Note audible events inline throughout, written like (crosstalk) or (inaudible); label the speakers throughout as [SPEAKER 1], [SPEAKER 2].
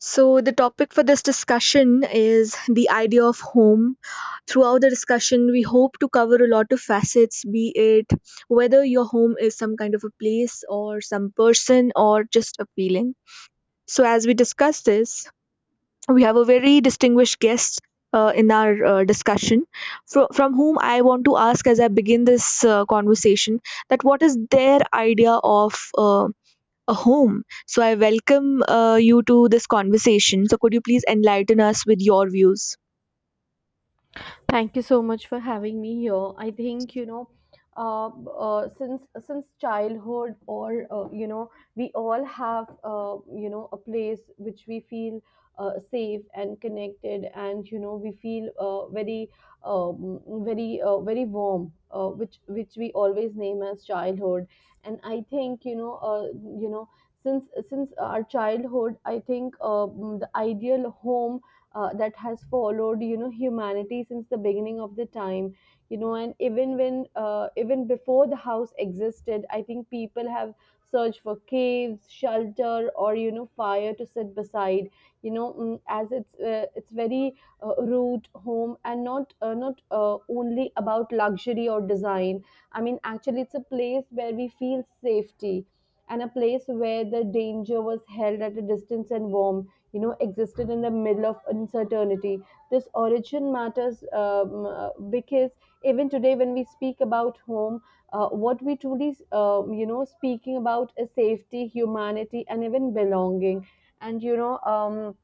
[SPEAKER 1] So, the topic for this discussion is the idea of home. Throughout the discussion, we hope to cover a lot of facets, be it whether your home is some kind of a place, or some person, or just a feeling. So, as we discuss this, we have a very distinguished guest. In our discussion, from whom I want to ask as I begin this conversation, that what is their idea of a home. So I welcome you to this conversation. So could you please enlighten us with your views?
[SPEAKER 2] Thank you so much for having me here. I think, since childhood, or, we all have a place which we feel safe and connected, and we feel very, very, very warm, which we always name as childhood. And I think, you know, since our childhood, I think the ideal home that has followed humanity since the beginning of the time, and even when even before the house existed, I think people have searched for caves, shelter, or fire to sit beside, as it's very root home, and not only about luxury or design. I mean, actually it's a place where we feel safety, and a place where the danger was held at a distance and warm existed in the middle of uncertainty. This origin matters, because even today when we speak about home, what we truly, speaking about is safety, humanity, and even belonging. And, you know um,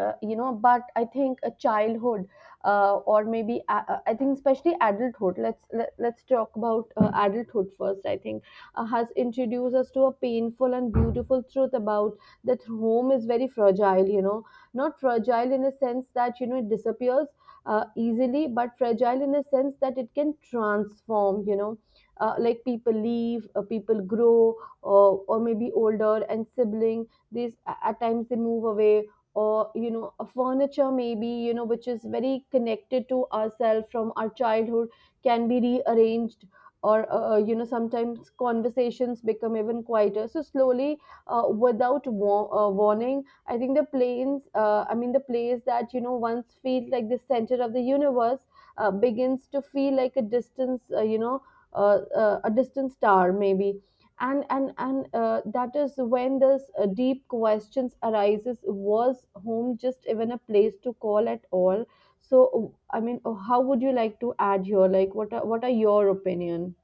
[SPEAKER 2] uh, you know but I think a childhood, or maybe I think especially adulthood, let's talk about adulthood first, I think, has introduced us to a painful and beautiful truth about that home is very fragile. Not fragile in a sense that it disappears easily, but fragile in a sense that it can transform. Like people leave, people grow, or maybe older and sibling, these at times they move away, or a furniture maybe, which is very connected to ourselves from our childhood, can be rearranged, or sometimes conversations become even quieter, so slowly without warning. I think the planes I mean, the place that once felt like the center of the universe begins to feel like a distance you know a distant star, maybe. And that is when this deep questions arises: was home just even a place to call at all? So I mean, how would you like to add here, like, what are your opinion,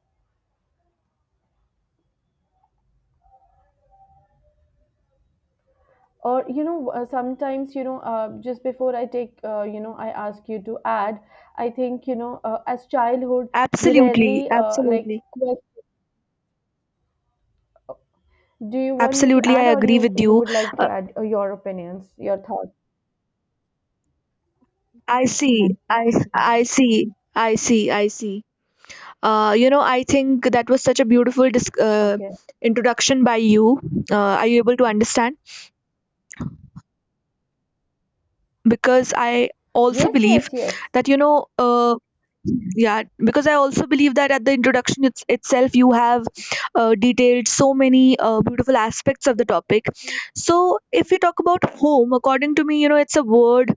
[SPEAKER 2] or sometimes, just before I take, I ask you to add? I think, as childhood we rarely
[SPEAKER 1] Absolutely,
[SPEAKER 2] like,
[SPEAKER 1] absolutely,
[SPEAKER 2] do you want me to
[SPEAKER 1] absolutely.
[SPEAKER 2] add,
[SPEAKER 1] I
[SPEAKER 2] or you
[SPEAKER 1] agree with
[SPEAKER 2] you
[SPEAKER 1] you.
[SPEAKER 2] would like to
[SPEAKER 1] Uh,
[SPEAKER 2] add your opinions, your thoughts?
[SPEAKER 1] I see, I see, I see, I see. I think that was such a beautiful
[SPEAKER 2] Okay.
[SPEAKER 1] introduction by you. Uh, are you able to understand? Because I also
[SPEAKER 2] Yes,
[SPEAKER 1] believe
[SPEAKER 2] yes, yes.
[SPEAKER 1] that, yeah, because I also believe that at the introduction, itself, you have detailed so many beautiful aspects of the topic. So if you talk about home, according to me, it's a word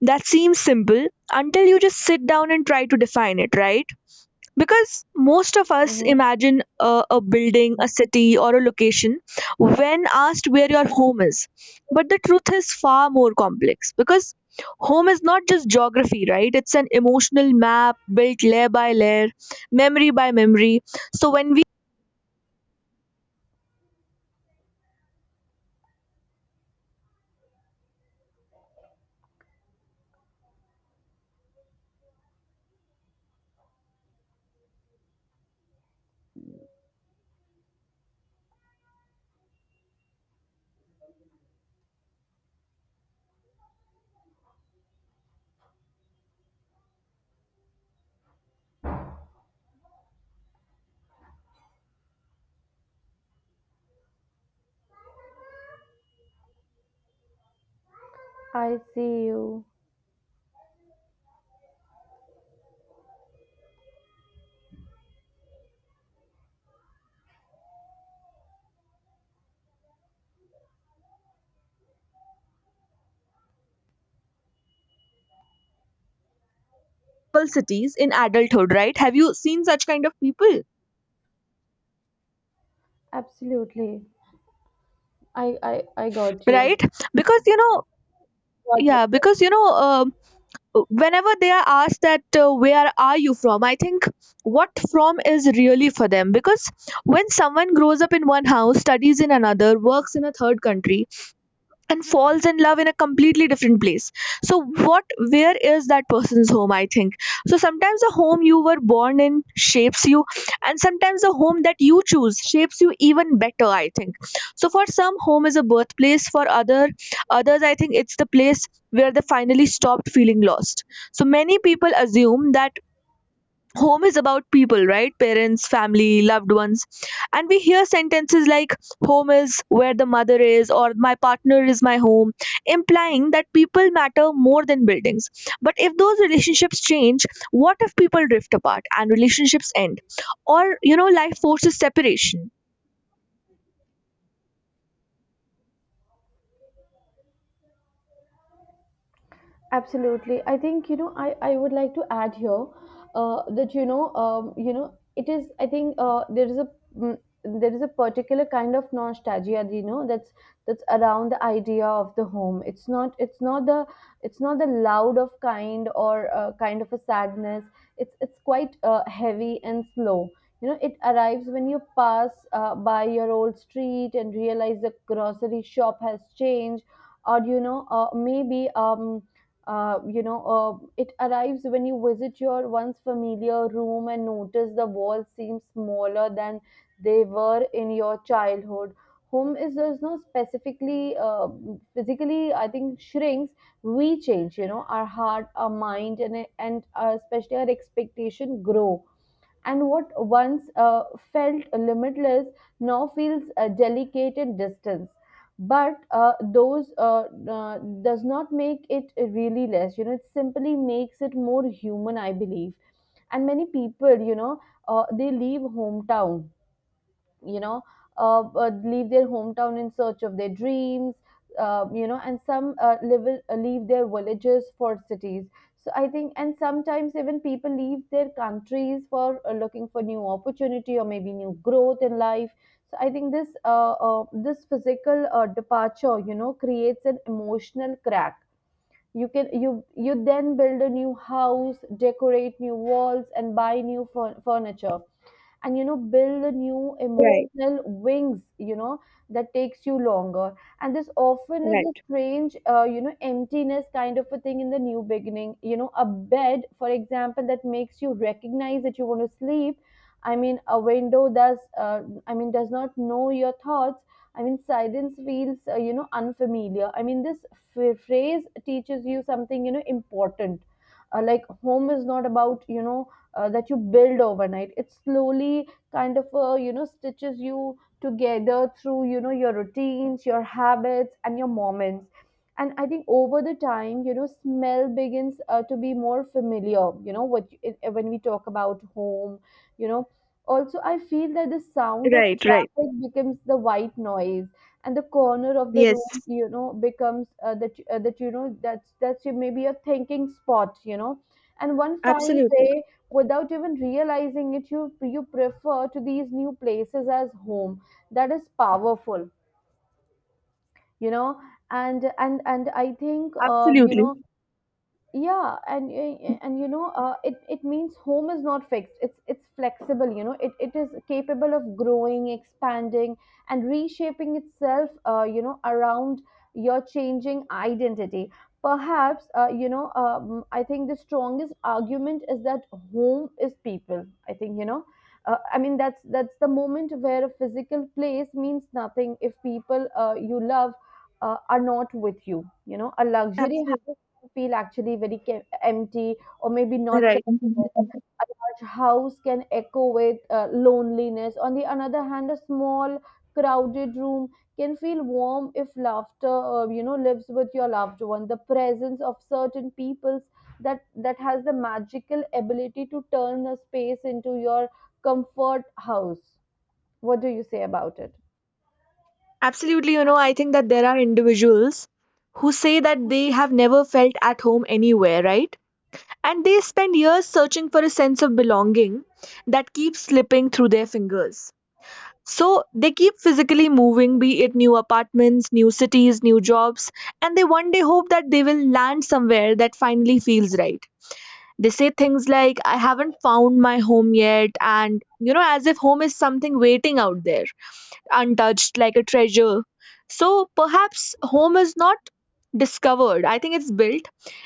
[SPEAKER 1] that seems simple until you just sit down and try to define it, right? Because most of us
[SPEAKER 2] Mm-hmm.
[SPEAKER 1] imagine a building, a city, or a location when asked where your home is. But the truth is far more complex, because home is not just geography, right? It's an emotional map built layer by layer, memory by memory. So when we
[SPEAKER 2] I see you.
[SPEAKER 1] people cities in adulthood, right? Have you seen such kind of people,
[SPEAKER 2] Absolutely. I got you.
[SPEAKER 1] right? Because,
[SPEAKER 2] Got you.
[SPEAKER 1] yeah, because, whenever they are asked that, where are you from, I think what from is really for them, because when someone grows up in one house, studies in another, works in a third country, and falls in love in a completely different place. So what, where is that person's home, I think? So sometimes the home you were born in shapes you, and sometimes the home that you choose shapes you even better, I think. So for some, home is a birthplace. For others, I think, it's the place where they finally stopped feeling lost. So many people assume that home is about people, right? Parents, family, loved ones. And we hear sentences like, home is where the mother is, or my partner is my home, implying that people matter more than buildings. But if those relationships change, what if people drift apart and relationships end, or, life forces separation?
[SPEAKER 2] Absolutely. I think, I would like to add here that, it is, I think mm, there is a particular kind of nostalgia, that's around the idea of the home. It's not the loud of kind, or kind of a sadness. It's quite heavy and slow. It arrives when you pass by your old street and realize the grocery shop has changed, or, maybe, it arrives when you visit your once familiar room and notice the walls seem smaller than they were in your childhood. Home is, there's no specifically, physically, I think, shrinks. We change, our heart, our mind, and especially our expectation grow, and what once felt limitless now feels a delicate and distance. But those does not make it really less, it simply makes it more human, I believe. And many people, they you know, leave their hometown in search of their dreams, and some, leave their villages for cities. So I think, and sometimes even people leave their countries for looking for new opportunity, or maybe new growth in life. So I think this physical departure, creates an emotional crack. You can you you then build a new house, decorate new walls, and buy new furniture, and build a new emotional wings, that takes you longer. And this often is a strange, emptiness kind of a thing in the new beginning. A bed, for example, that makes you recognize that you want to sleep. I mean, a window, does I mean, does not know your thoughts. I mean, silence feels, unfamiliar. I mean, this phrase teaches you something, important. Like home is not about, that you build overnight. It slowly kind of, stitches you together through, your routines, your habits, and your moments. And I think over the time, smell begins to be more familiar. When we talk about home, you know also I feel that the sound of
[SPEAKER 1] Right. Right.
[SPEAKER 2] traffic becomes the white noise, and the corner of the room,
[SPEAKER 1] Yes.
[SPEAKER 2] becomes maybe a thinking spot. And one fine
[SPEAKER 1] Absolutely,
[SPEAKER 2] day, without even realizing it, you prefer to these new places as home. That is powerful. you know and I think,
[SPEAKER 1] absolutely,
[SPEAKER 2] yeah, and it means home is not fixed, it's flexible. It is capable of growing, expanding, and reshaping itself around your changing identity. Perhaps, I think the strongest argument is that home is people, I think. I mean, that's the moment where a physical place means nothing if people, you love, are not with you. You know A luxury
[SPEAKER 1] absolutely.
[SPEAKER 2] house feel actually very empty, or maybe not connected.
[SPEAKER 1] Right.
[SPEAKER 2] A large house can echo with loneliness. On the another hand, a small crowded room can feel warm if laughter, lives with your loved one. The presence of certain peoples, that has the magical ability to turn a space into your comfort house. What do you say about it?
[SPEAKER 1] Absolutely. I think that there are individuals who say that they have never felt at home anywhere, right? And they spend years searching for a sense of belonging that keeps slipping through their fingers. So they keep physically moving, be it new apartments, new cities, new jobs, and they one day hope that they will land somewhere that finally feels right. They say things like, I haven't found my home yet, and, as if home is something waiting out there, untouched, like a treasure. So perhaps home is not discovered. I think it's built.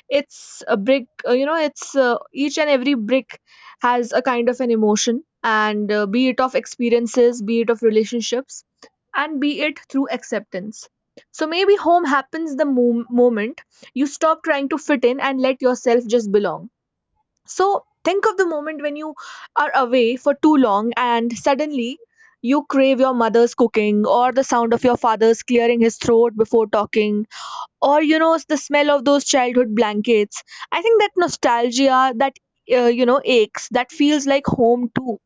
[SPEAKER 1] It's a brick, you know, it's each and every brick has a kind of an emotion, and, be it of experiences, be it of relationships, and be it through acceptance. So maybe home happens the moment you stop trying to fit in and let yourself just belong. So think of the moment when you are away for too long and suddenly you crave your mother's cooking, or the sound of your father's clearing his throat before talking, or, the smell of those childhood blankets. I think that nostalgia, that, aches, that feels like home too.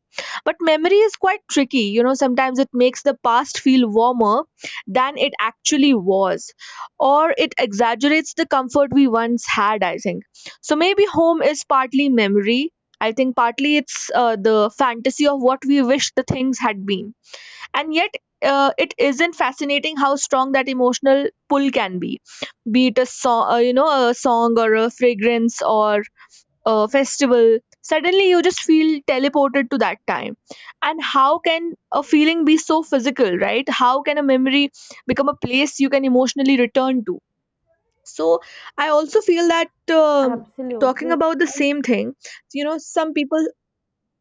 [SPEAKER 1] But memory is quite tricky, sometimes it makes the past feel warmer than it actually was, or it exaggerates the comfort we once had, I think. So maybe home is partly memory, I think. Partly it's, the fantasy of what we wish the things had been. And yet, it isn't fascinating how strong that emotional pull can be. Be it a song, a song, or a fragrance, or a festival, suddenly you just feel teleported to that time. And how can a feeling be so physical, right? How can a memory become a place you can emotionally return to? So I also feel that, um, talking
[SPEAKER 2] Absolutely.
[SPEAKER 1] about the same thing, you know some people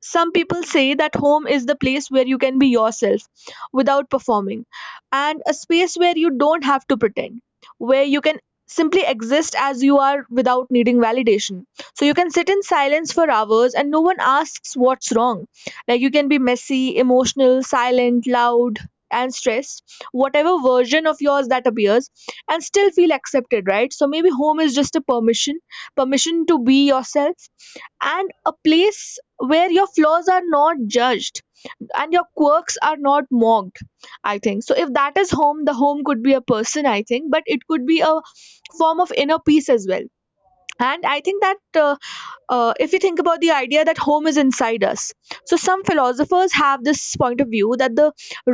[SPEAKER 1] some people say that home is the place where you can be yourself without performing, and a space where you don't have to pretend, where you can simply exist as you are without needing validation. So you can sit in silence for hours and no one asks what's wrong. Like, you can be messy, emotional, silent, loud, and stressed, whatever version of yours that appears, and still feel accepted, right? So maybe home is just a permission, permission to be yourself, and a place where your flaws are not judged and your quirks are not mocked, I think. So if that is home, the home could be a person, I think, but it could be a form of inner peace as well. And I think that, if you think about the idea that home is inside us, so some philosophers have this point of view that the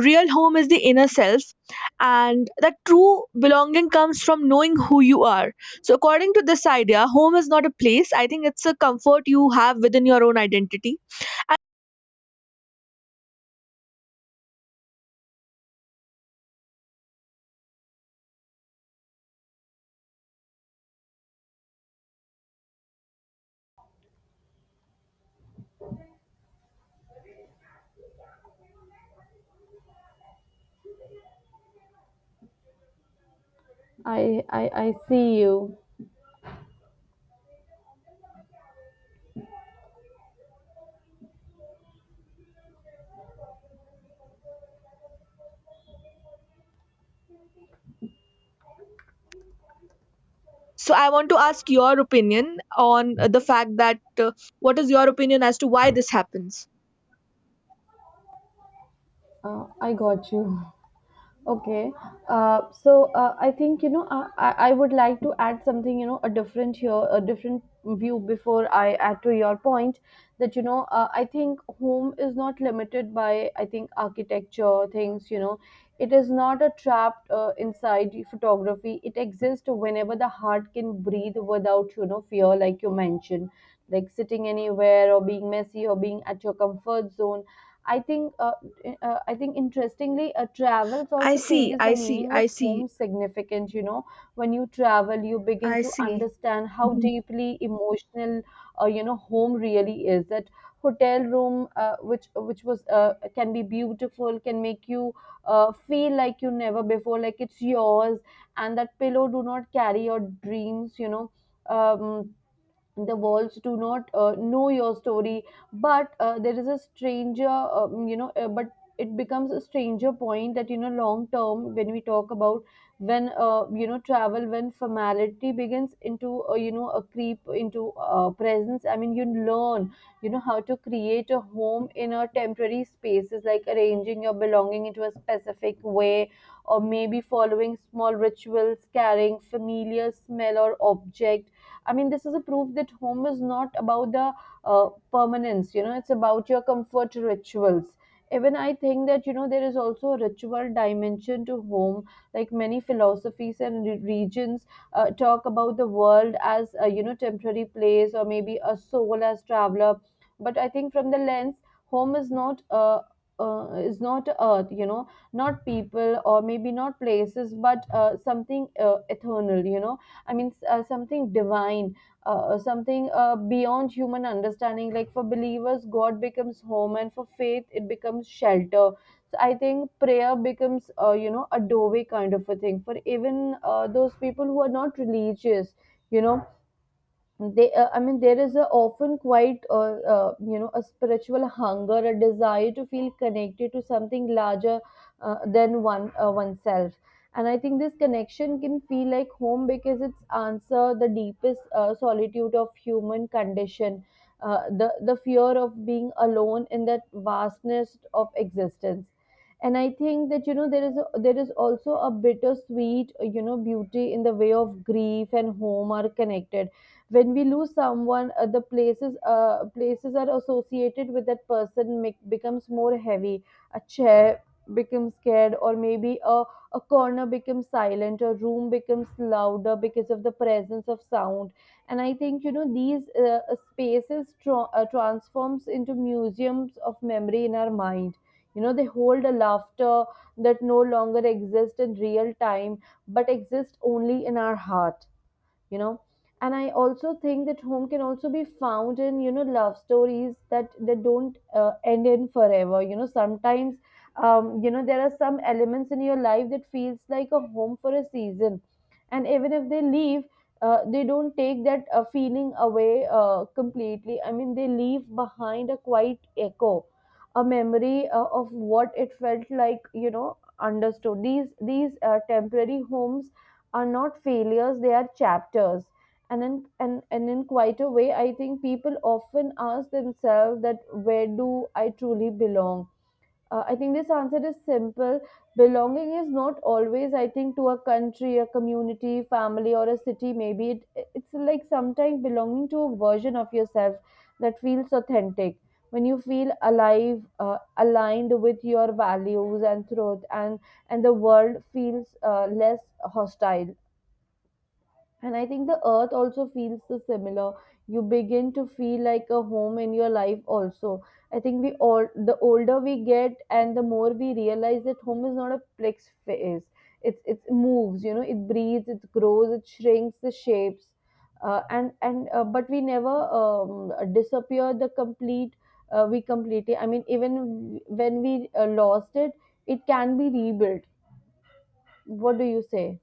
[SPEAKER 1] real home is the inner self, and that true belonging comes from knowing who you are. So according to this idea, home is not a place, I think. It's a comfort you have within your own identity.
[SPEAKER 2] I I see you.
[SPEAKER 1] So I want to ask your opinion on, the fact that, what is your opinion as to why this happens?
[SPEAKER 2] I got you. Okay. So I think, I would like to add something, a different view before I add to your point, that, I think home is not limited by, I think, architecture things. It is not a trap inside photography. It exists whenever the heart can breathe without, fear, like you mentioned, like sitting anywhere, or being messy, or being at your comfort zone. I think uh, I think interestingly, travels
[SPEAKER 1] I
[SPEAKER 2] also
[SPEAKER 1] see,
[SPEAKER 2] changes the
[SPEAKER 1] I see,
[SPEAKER 2] meaning of
[SPEAKER 1] I see,
[SPEAKER 2] home significance. When you travel, you begin
[SPEAKER 1] I
[SPEAKER 2] to
[SPEAKER 1] see.
[SPEAKER 2] understand how
[SPEAKER 1] Mhm.
[SPEAKER 2] deeply emotional, home really is. That hotel room, which was can be beautiful, can make you feel like you never before, like it's yours, and that pillow do not carry your dreams. Um, the walls do not know your story, but there is a stranger, but it becomes a stranger point that, long term, when we talk about, when you know travel, when formality begins into, a creep into presence. I mean, you learn, how to create a home in a temporary spaces, like arranging your belonging into a specific way, or maybe following small rituals, carrying familiar smell or object. I mean, this is a proof that home is not about the permanence, it's about your comfort rituals. Even I think that, there is also a ritual dimension to home. Like many philosophies and regions talk about the world as a, temporary place, or maybe a soul as traveler. But I think from the lens, home is not earth, not people, or maybe not places, but something, eternal. I mean, something divine, something beyond human understanding. Like for believers, God becomes home, and for faith, it becomes shelter. So I think prayer becomes, a doorway kind of a thing for even those people who are not religious. You know, they I mean there is a often quite a spiritual hunger, a desire to feel connected to something larger than oneself. And I think this connection can feel like home because it's answer the deepest solitude of human condition, the fear of being alone in that vastness of existence. And I think that, you know, there is there is also a bittersweet, you know, beauty in the way of grief and home are connected. When we lose someone, the places places are associated with that person becomes more heavy. A chair becomes scared, or maybe a corner becomes silent, a room becomes louder because of the presence of sound. And I think, you know, these spaces transforms into museums of memory in our mind. You know, they hold a laughter that no longer exists in real time, but exists only in our heart, you know. And I also think that home can also be found in, you know, love stories that don't end in forever, you know. Sometimes, you know, there are some elements in your life that feels like a home for a season. And even if they leave, they don't take that feeling away completely. I mean, they leave behind a quiet echo, a memory of what it felt like, you know. Understood, these temporary homes are not failures, they are chapters. And in quite a way, I think people often ask themselves that, where do I truly belong? I think this answer is simple. Belonging is not always, I think, to a country, a community, family, or a city. Maybe it's like sometimes belonging to a version of yourself that feels authentic. When you feel alive, aligned with your values and truth, and the world feels less hostile. And I think the earth also feels so similar. You begin to feel like a home in your life also. I think we all, the older we get and the more we realize that home is not a fixed phase. It moves, you know, it breathes, it grows, it shrinks, the shapes. And But we never disappear the complete we completely. I mean, even when we lost it, it can be rebuilt. What do you say?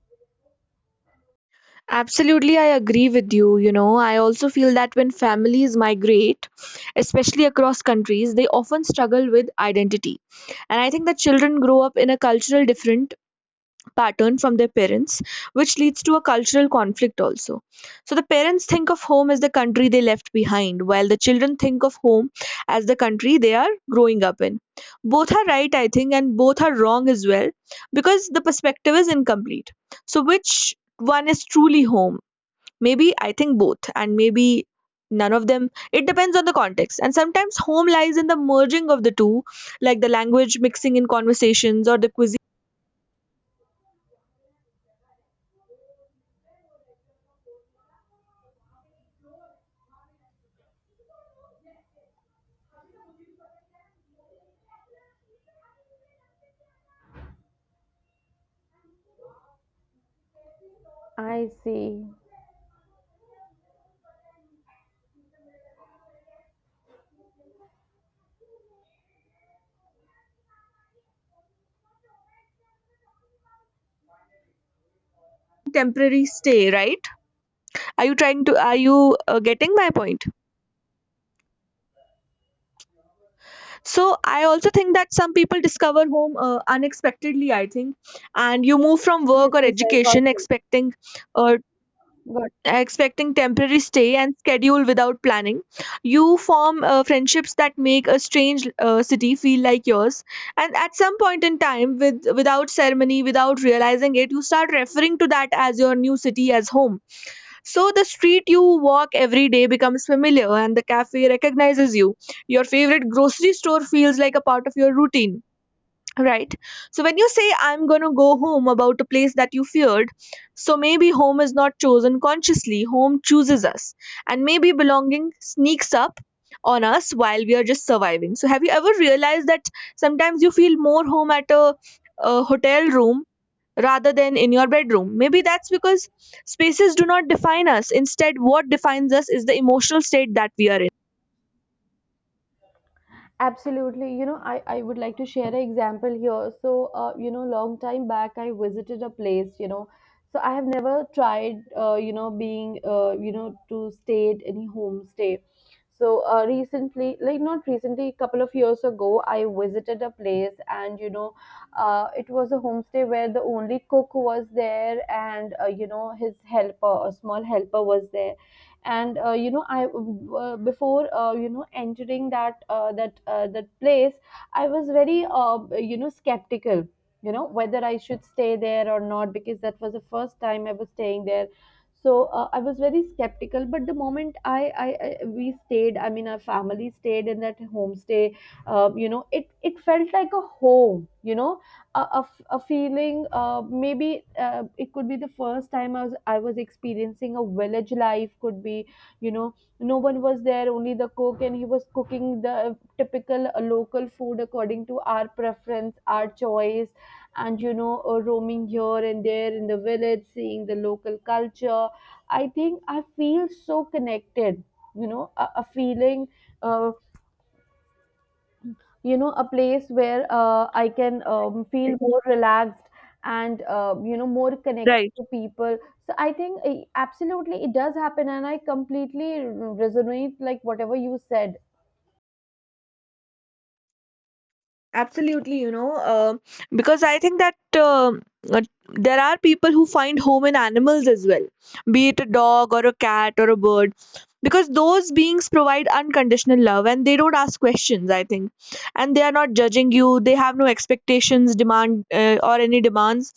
[SPEAKER 1] Absolutely, I agree with you. I also feel that when families migrate, especially across countries, they often struggle with identity. And I think that children grow up in a cultural different pattern from their parents, which leads to a cultural conflict also. So the parents think of home as the country they left behind, while the children think of home as the country they are growing up in. Both are right, I think, and both are wrong as well, because the perspective is incomplete. So which one is truly home? Maybe, I think, both, and maybe none of them. It depends on the context. And sometimes home lies in the merging of the two, like the language mixing in conversations or the cuisine,
[SPEAKER 2] I see.
[SPEAKER 1] temporary stay, right? Are you trying to? Are you getting my point? So I also think that some people discover home unexpectedly, I think. And you move from
[SPEAKER 2] Yes,
[SPEAKER 1] work or
[SPEAKER 2] yes, I got
[SPEAKER 1] education
[SPEAKER 2] you.
[SPEAKER 1] expecting, uh,
[SPEAKER 2] Got
[SPEAKER 1] temporary stay and schedule without planning. You form friendships that make a strange city feel like yours, and at some point in time, without ceremony, without realizing it, you start referring to that as your new city as home. So the street you walk every day becomes familiar, and the cafe recognizes you. Your favorite grocery store feels like a part of your routine, right? So when you say, I'm going to go home, about a place that you feared, so maybe home is not chosen consciously, home chooses us. And maybe belonging sneaks up on us while we are just surviving. So have you ever realized that sometimes you feel more home at a hotel room rather than in your bedroom? Maybe that's because spaces do not define us. Instead, what defines us is the emotional state that we are
[SPEAKER 2] absolutely. You know, I would like to share an example here. So, you know, long time back, I visited a place, you know. So I have never tried, you know, being, you know, to stay at any homestay. So, recently, like not recently, a couple of years ago, I visited a place, and, you know, it was a homestay where the only cook was there, and, you know, his helper, a small helper was there. And you know, I before you know, entering that place, I was very, you know, skeptical, you know, whether I should stay there or not, because that was the first time I was staying there. So I was very skeptical. But the moment I I we stayed, I mean our family stayed in that homestay, you know, it felt like a home, you know. A feeling, maybe it could be the first time I was experiencing a village life, could be, you know. No one was there, only the cook, and he was cooking the typical local food according to our preference, our choice. And you know, roaming here and there in the village, seeing the local culture, I think I feel so connected, you know. A feeling, uh, you know, a place where I can feel
[SPEAKER 1] in.
[SPEAKER 2] more relaxed, and you know, more connected
[SPEAKER 1] Right.
[SPEAKER 2] to people. So I think, absolutely it does happen, and I completely resonate, like whatever you said.
[SPEAKER 1] Absolutely. Because I think that, uh, there are people who find home in animals as well, be it a dog or a cat or a bird, because those beings provide unconditional love and they don't ask questions, I think. And they are not judging you, they have no expectations, or any demands.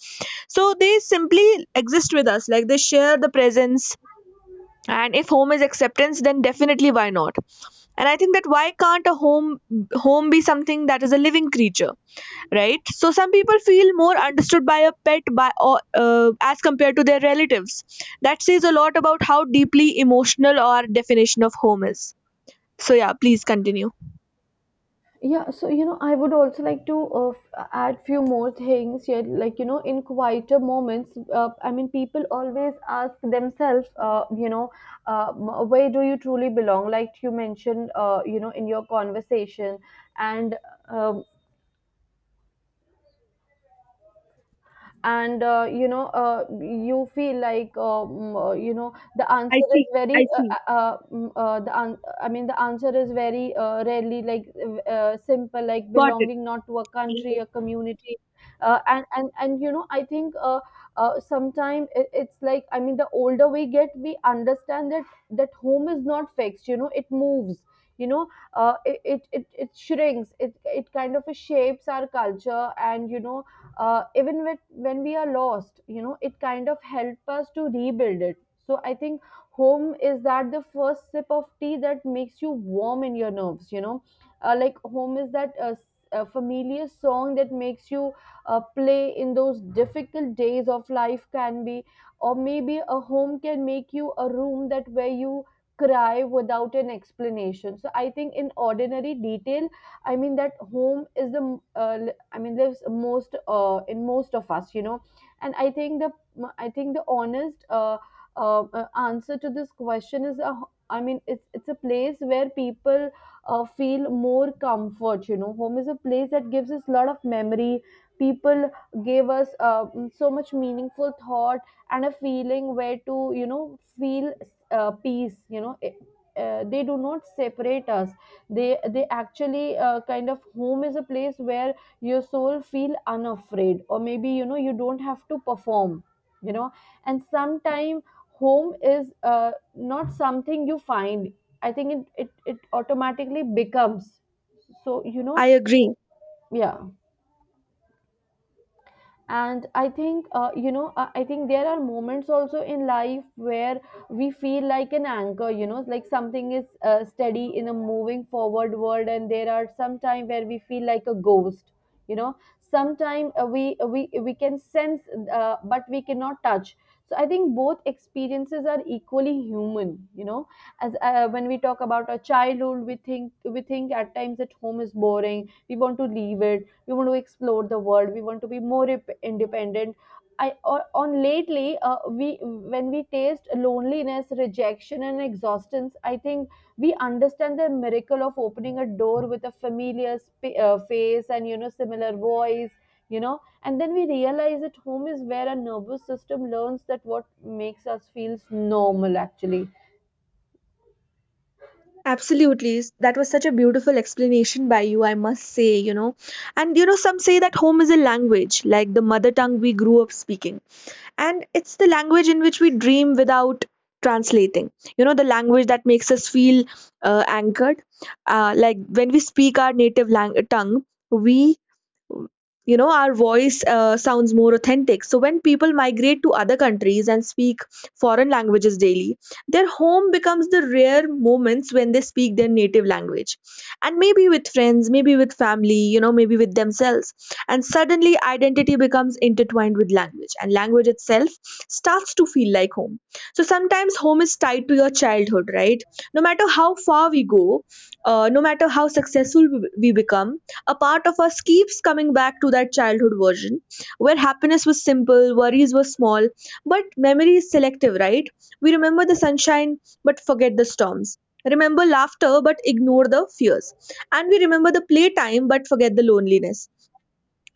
[SPEAKER 1] So they simply exist with us, like they share the presence. And if home is acceptance, then definitely why not? And I think that, why can't a home be something that is a living creature? Right. So some people feel more understood by a pet, by or as compared to their relatives. That says a lot about how deeply emotional our definition of home is. So yeah, please continue.
[SPEAKER 2] Yeah. So you know, I would also like to add few more things here, like, you know, in quieter moments, I mean, people always ask themselves, you know, where do you truly belong, like you mentioned, you know, in your conversation. And um, and uh, you know, you feel like, you know, the
[SPEAKER 1] I
[SPEAKER 2] answer is
[SPEAKER 1] see.
[SPEAKER 2] very
[SPEAKER 1] I see.
[SPEAKER 2] mm, the an- I mean the answer is very rarely like, simple, like
[SPEAKER 1] Got it.
[SPEAKER 2] belonging not to a country, a community. And you know, I think, sometime it's like, I mean the older we get, we understand that home is not fixed, you know, it moves, you know. It shrinks, it kind of shapes our culture, and you know, even when we are lost, you know, it kind of helps us to rebuild it. So I think home is that the first sip of tea that makes you warm in your nerves, you know. Like home is that familiar song that makes you play in those difficult days of life, can be. Or maybe a home can make you a room that where you cry without an explanation. So I think, in ordinary detail, I mean, that home is the, I mean, lives most in most of us, you know. And I think the honest, answer to this question is a, I mean, it's a place where people feel more comfort, you know. Home is a place that gives us a lot of memory. People gave us so much meaningful thought, and a feeling where to, you know, feel peace, you know. They do not separate us. They they actually uh, kind of home is a place where your soul feel unafraid, or maybe, you know, you don't have to perform, you know. And sometime, home is not something you find. I think it automatically becomes. So you know.
[SPEAKER 1] I agree.
[SPEAKER 2] Yeah. And I think, you know, I think there are moments also in life where we feel like an anchor, you know, like something is steady in a moving forward world. And there are some time where we feel like a ghost, you know. Sometime, we can sense, but we cannot touch. So I think both experiences are equally human, you know. As, when we talk about our childhood, we think at times that home is boring. We want to leave it, we want to explore the world, we want to be more independent. On lately, we when we taste loneliness, rejection, and exhaustion, I think we understand the miracle of opening a door with a familiar face, and you know, similar voice, you know. And then we realize that home is where our nervous system learns that what makes us feels normal actually.
[SPEAKER 1] Absolutely. That was such a beautiful explanation by you, I must say. And, some say that home is a language, like the mother tongue we grew up speaking, and it's the language in which we dream without translating, the language that makes us feel anchored. Like when we speak our native tongue, we our voice sounds more authentic. So when people migrate to other countries and speak foreign languages daily, their home becomes the rare moments when they speak their native language, and maybe with friends, maybe with family, maybe with themselves. And suddenly identity becomes intertwined with language, and language itself starts to feel like home. So sometimes home is tied to your childhood, right? No matter how far we go, no matter how successful we become, a part of us keeps coming back to that childhood version where happiness was simple, worries were small. But memory is selective, right? We remember the sunshine but forget the storms. Remember laughter but ignore the fears. And we remember the playtime but forget the loneliness.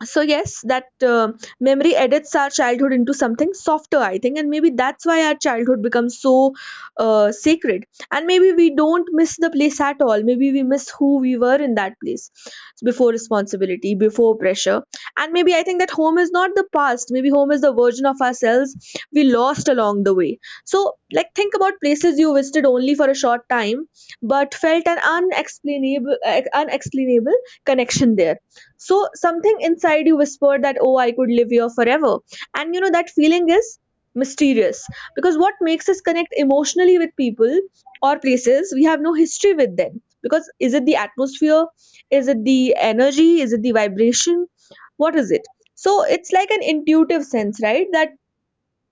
[SPEAKER 1] So yes, that, memory edits our childhood into something softer, I think. And maybe that's why our childhood becomes so sacred. And maybe we don't miss the place at all, maybe we miss who we were in that place, before responsibility, before pressure. And maybe, I think that home is not the past, maybe home is the version of ourselves we lost along the way. So, like, think about places you visited only for a short time, but felt an unexplainable connection there. So something inside you whispered that, oh, I could live here forever. That feeling is mysterious, because what makes us connect emotionally with people or places we have no history with them? Because, is it the atmosphere? Is it the energy? Is it the vibration? What is it? So it's like an intuitive sense, right? That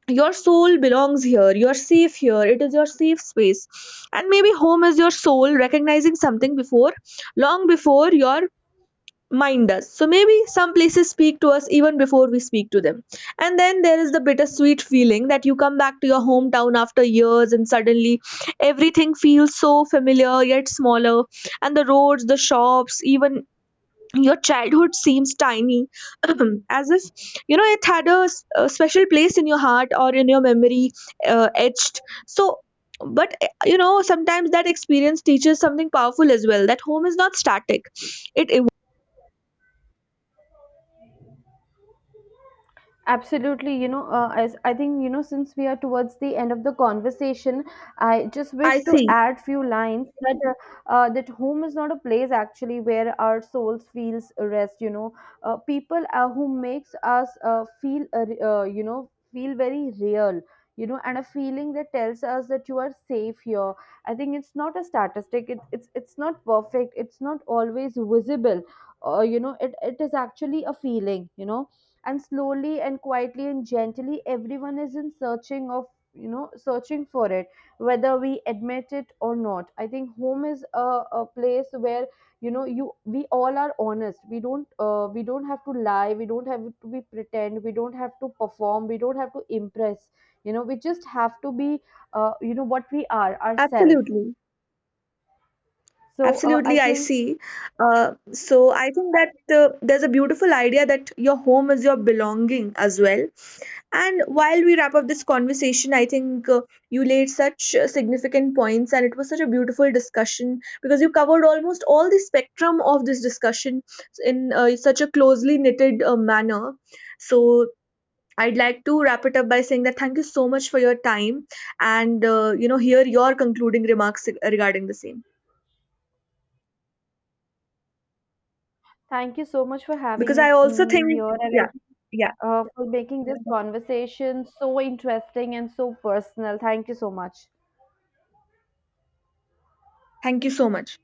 [SPEAKER 1] your soul belongs here, you're safe here, it is your safe space. And maybe home is your soul recognizing something before, long before your mind us. So maybe some places speak to us even before we speak to them. And then there is the bittersweet feeling that you come back to your hometown after years and suddenly everything feels so familiar yet smaller. And the roads, the shops, even your childhood seems tiny. (clears throat) As if, it had a special place in your heart or in your memory, etched. So, but, sometimes that experience teaches something powerful as well, that home is not static, it evolves.
[SPEAKER 2] Absolutely, you know. As I think, you know, since we are towards the end of the conversation, I just
[SPEAKER 1] I
[SPEAKER 2] wish to
[SPEAKER 1] see.
[SPEAKER 2] add few lines that that home is not a place actually where our souls feels rest. You know, people who makes us feel you know, feel very real. You know, and a feeling that tells us that you are safe here. I think it's not a statistic. It's not perfect. It's not always visible. You know, it is actually a feeling, you know. And slowly and quietly and gently, everyone is in searching of, you know, searching for it. Whether we admit it or not, I think home is a place where, you know, you we all are honest. We don't, we don't have to lie, we don't have to be pretend, we don't have to perform, we don't have to impress, you know. We just have to be, you know, what we are, ourselves.
[SPEAKER 1] Absolutely.
[SPEAKER 2] So I
[SPEAKER 1] Absolutely, I
[SPEAKER 2] think.
[SPEAKER 1] see. So I think that, there's a beautiful idea that your home is your belonging as well. And while we wrap up this conversation, I think, you laid such significant points, and it was such a beautiful discussion, because you covered almost all the spectrum of this discussion in such a closely knitted manner. So I'd like to wrap it up by saying that thank you so much for your time, and hear your concluding remarks regarding the same.
[SPEAKER 2] Thank you so much for
[SPEAKER 1] Because
[SPEAKER 2] having
[SPEAKER 1] I
[SPEAKER 2] us-
[SPEAKER 1] also
[SPEAKER 2] mm,
[SPEAKER 1] think,
[SPEAKER 2] me here, and I
[SPEAKER 1] yeah,
[SPEAKER 2] think,
[SPEAKER 1] yeah.
[SPEAKER 2] for making this conversation so interesting and so personal. Thank you so much.
[SPEAKER 1] Thank you so much.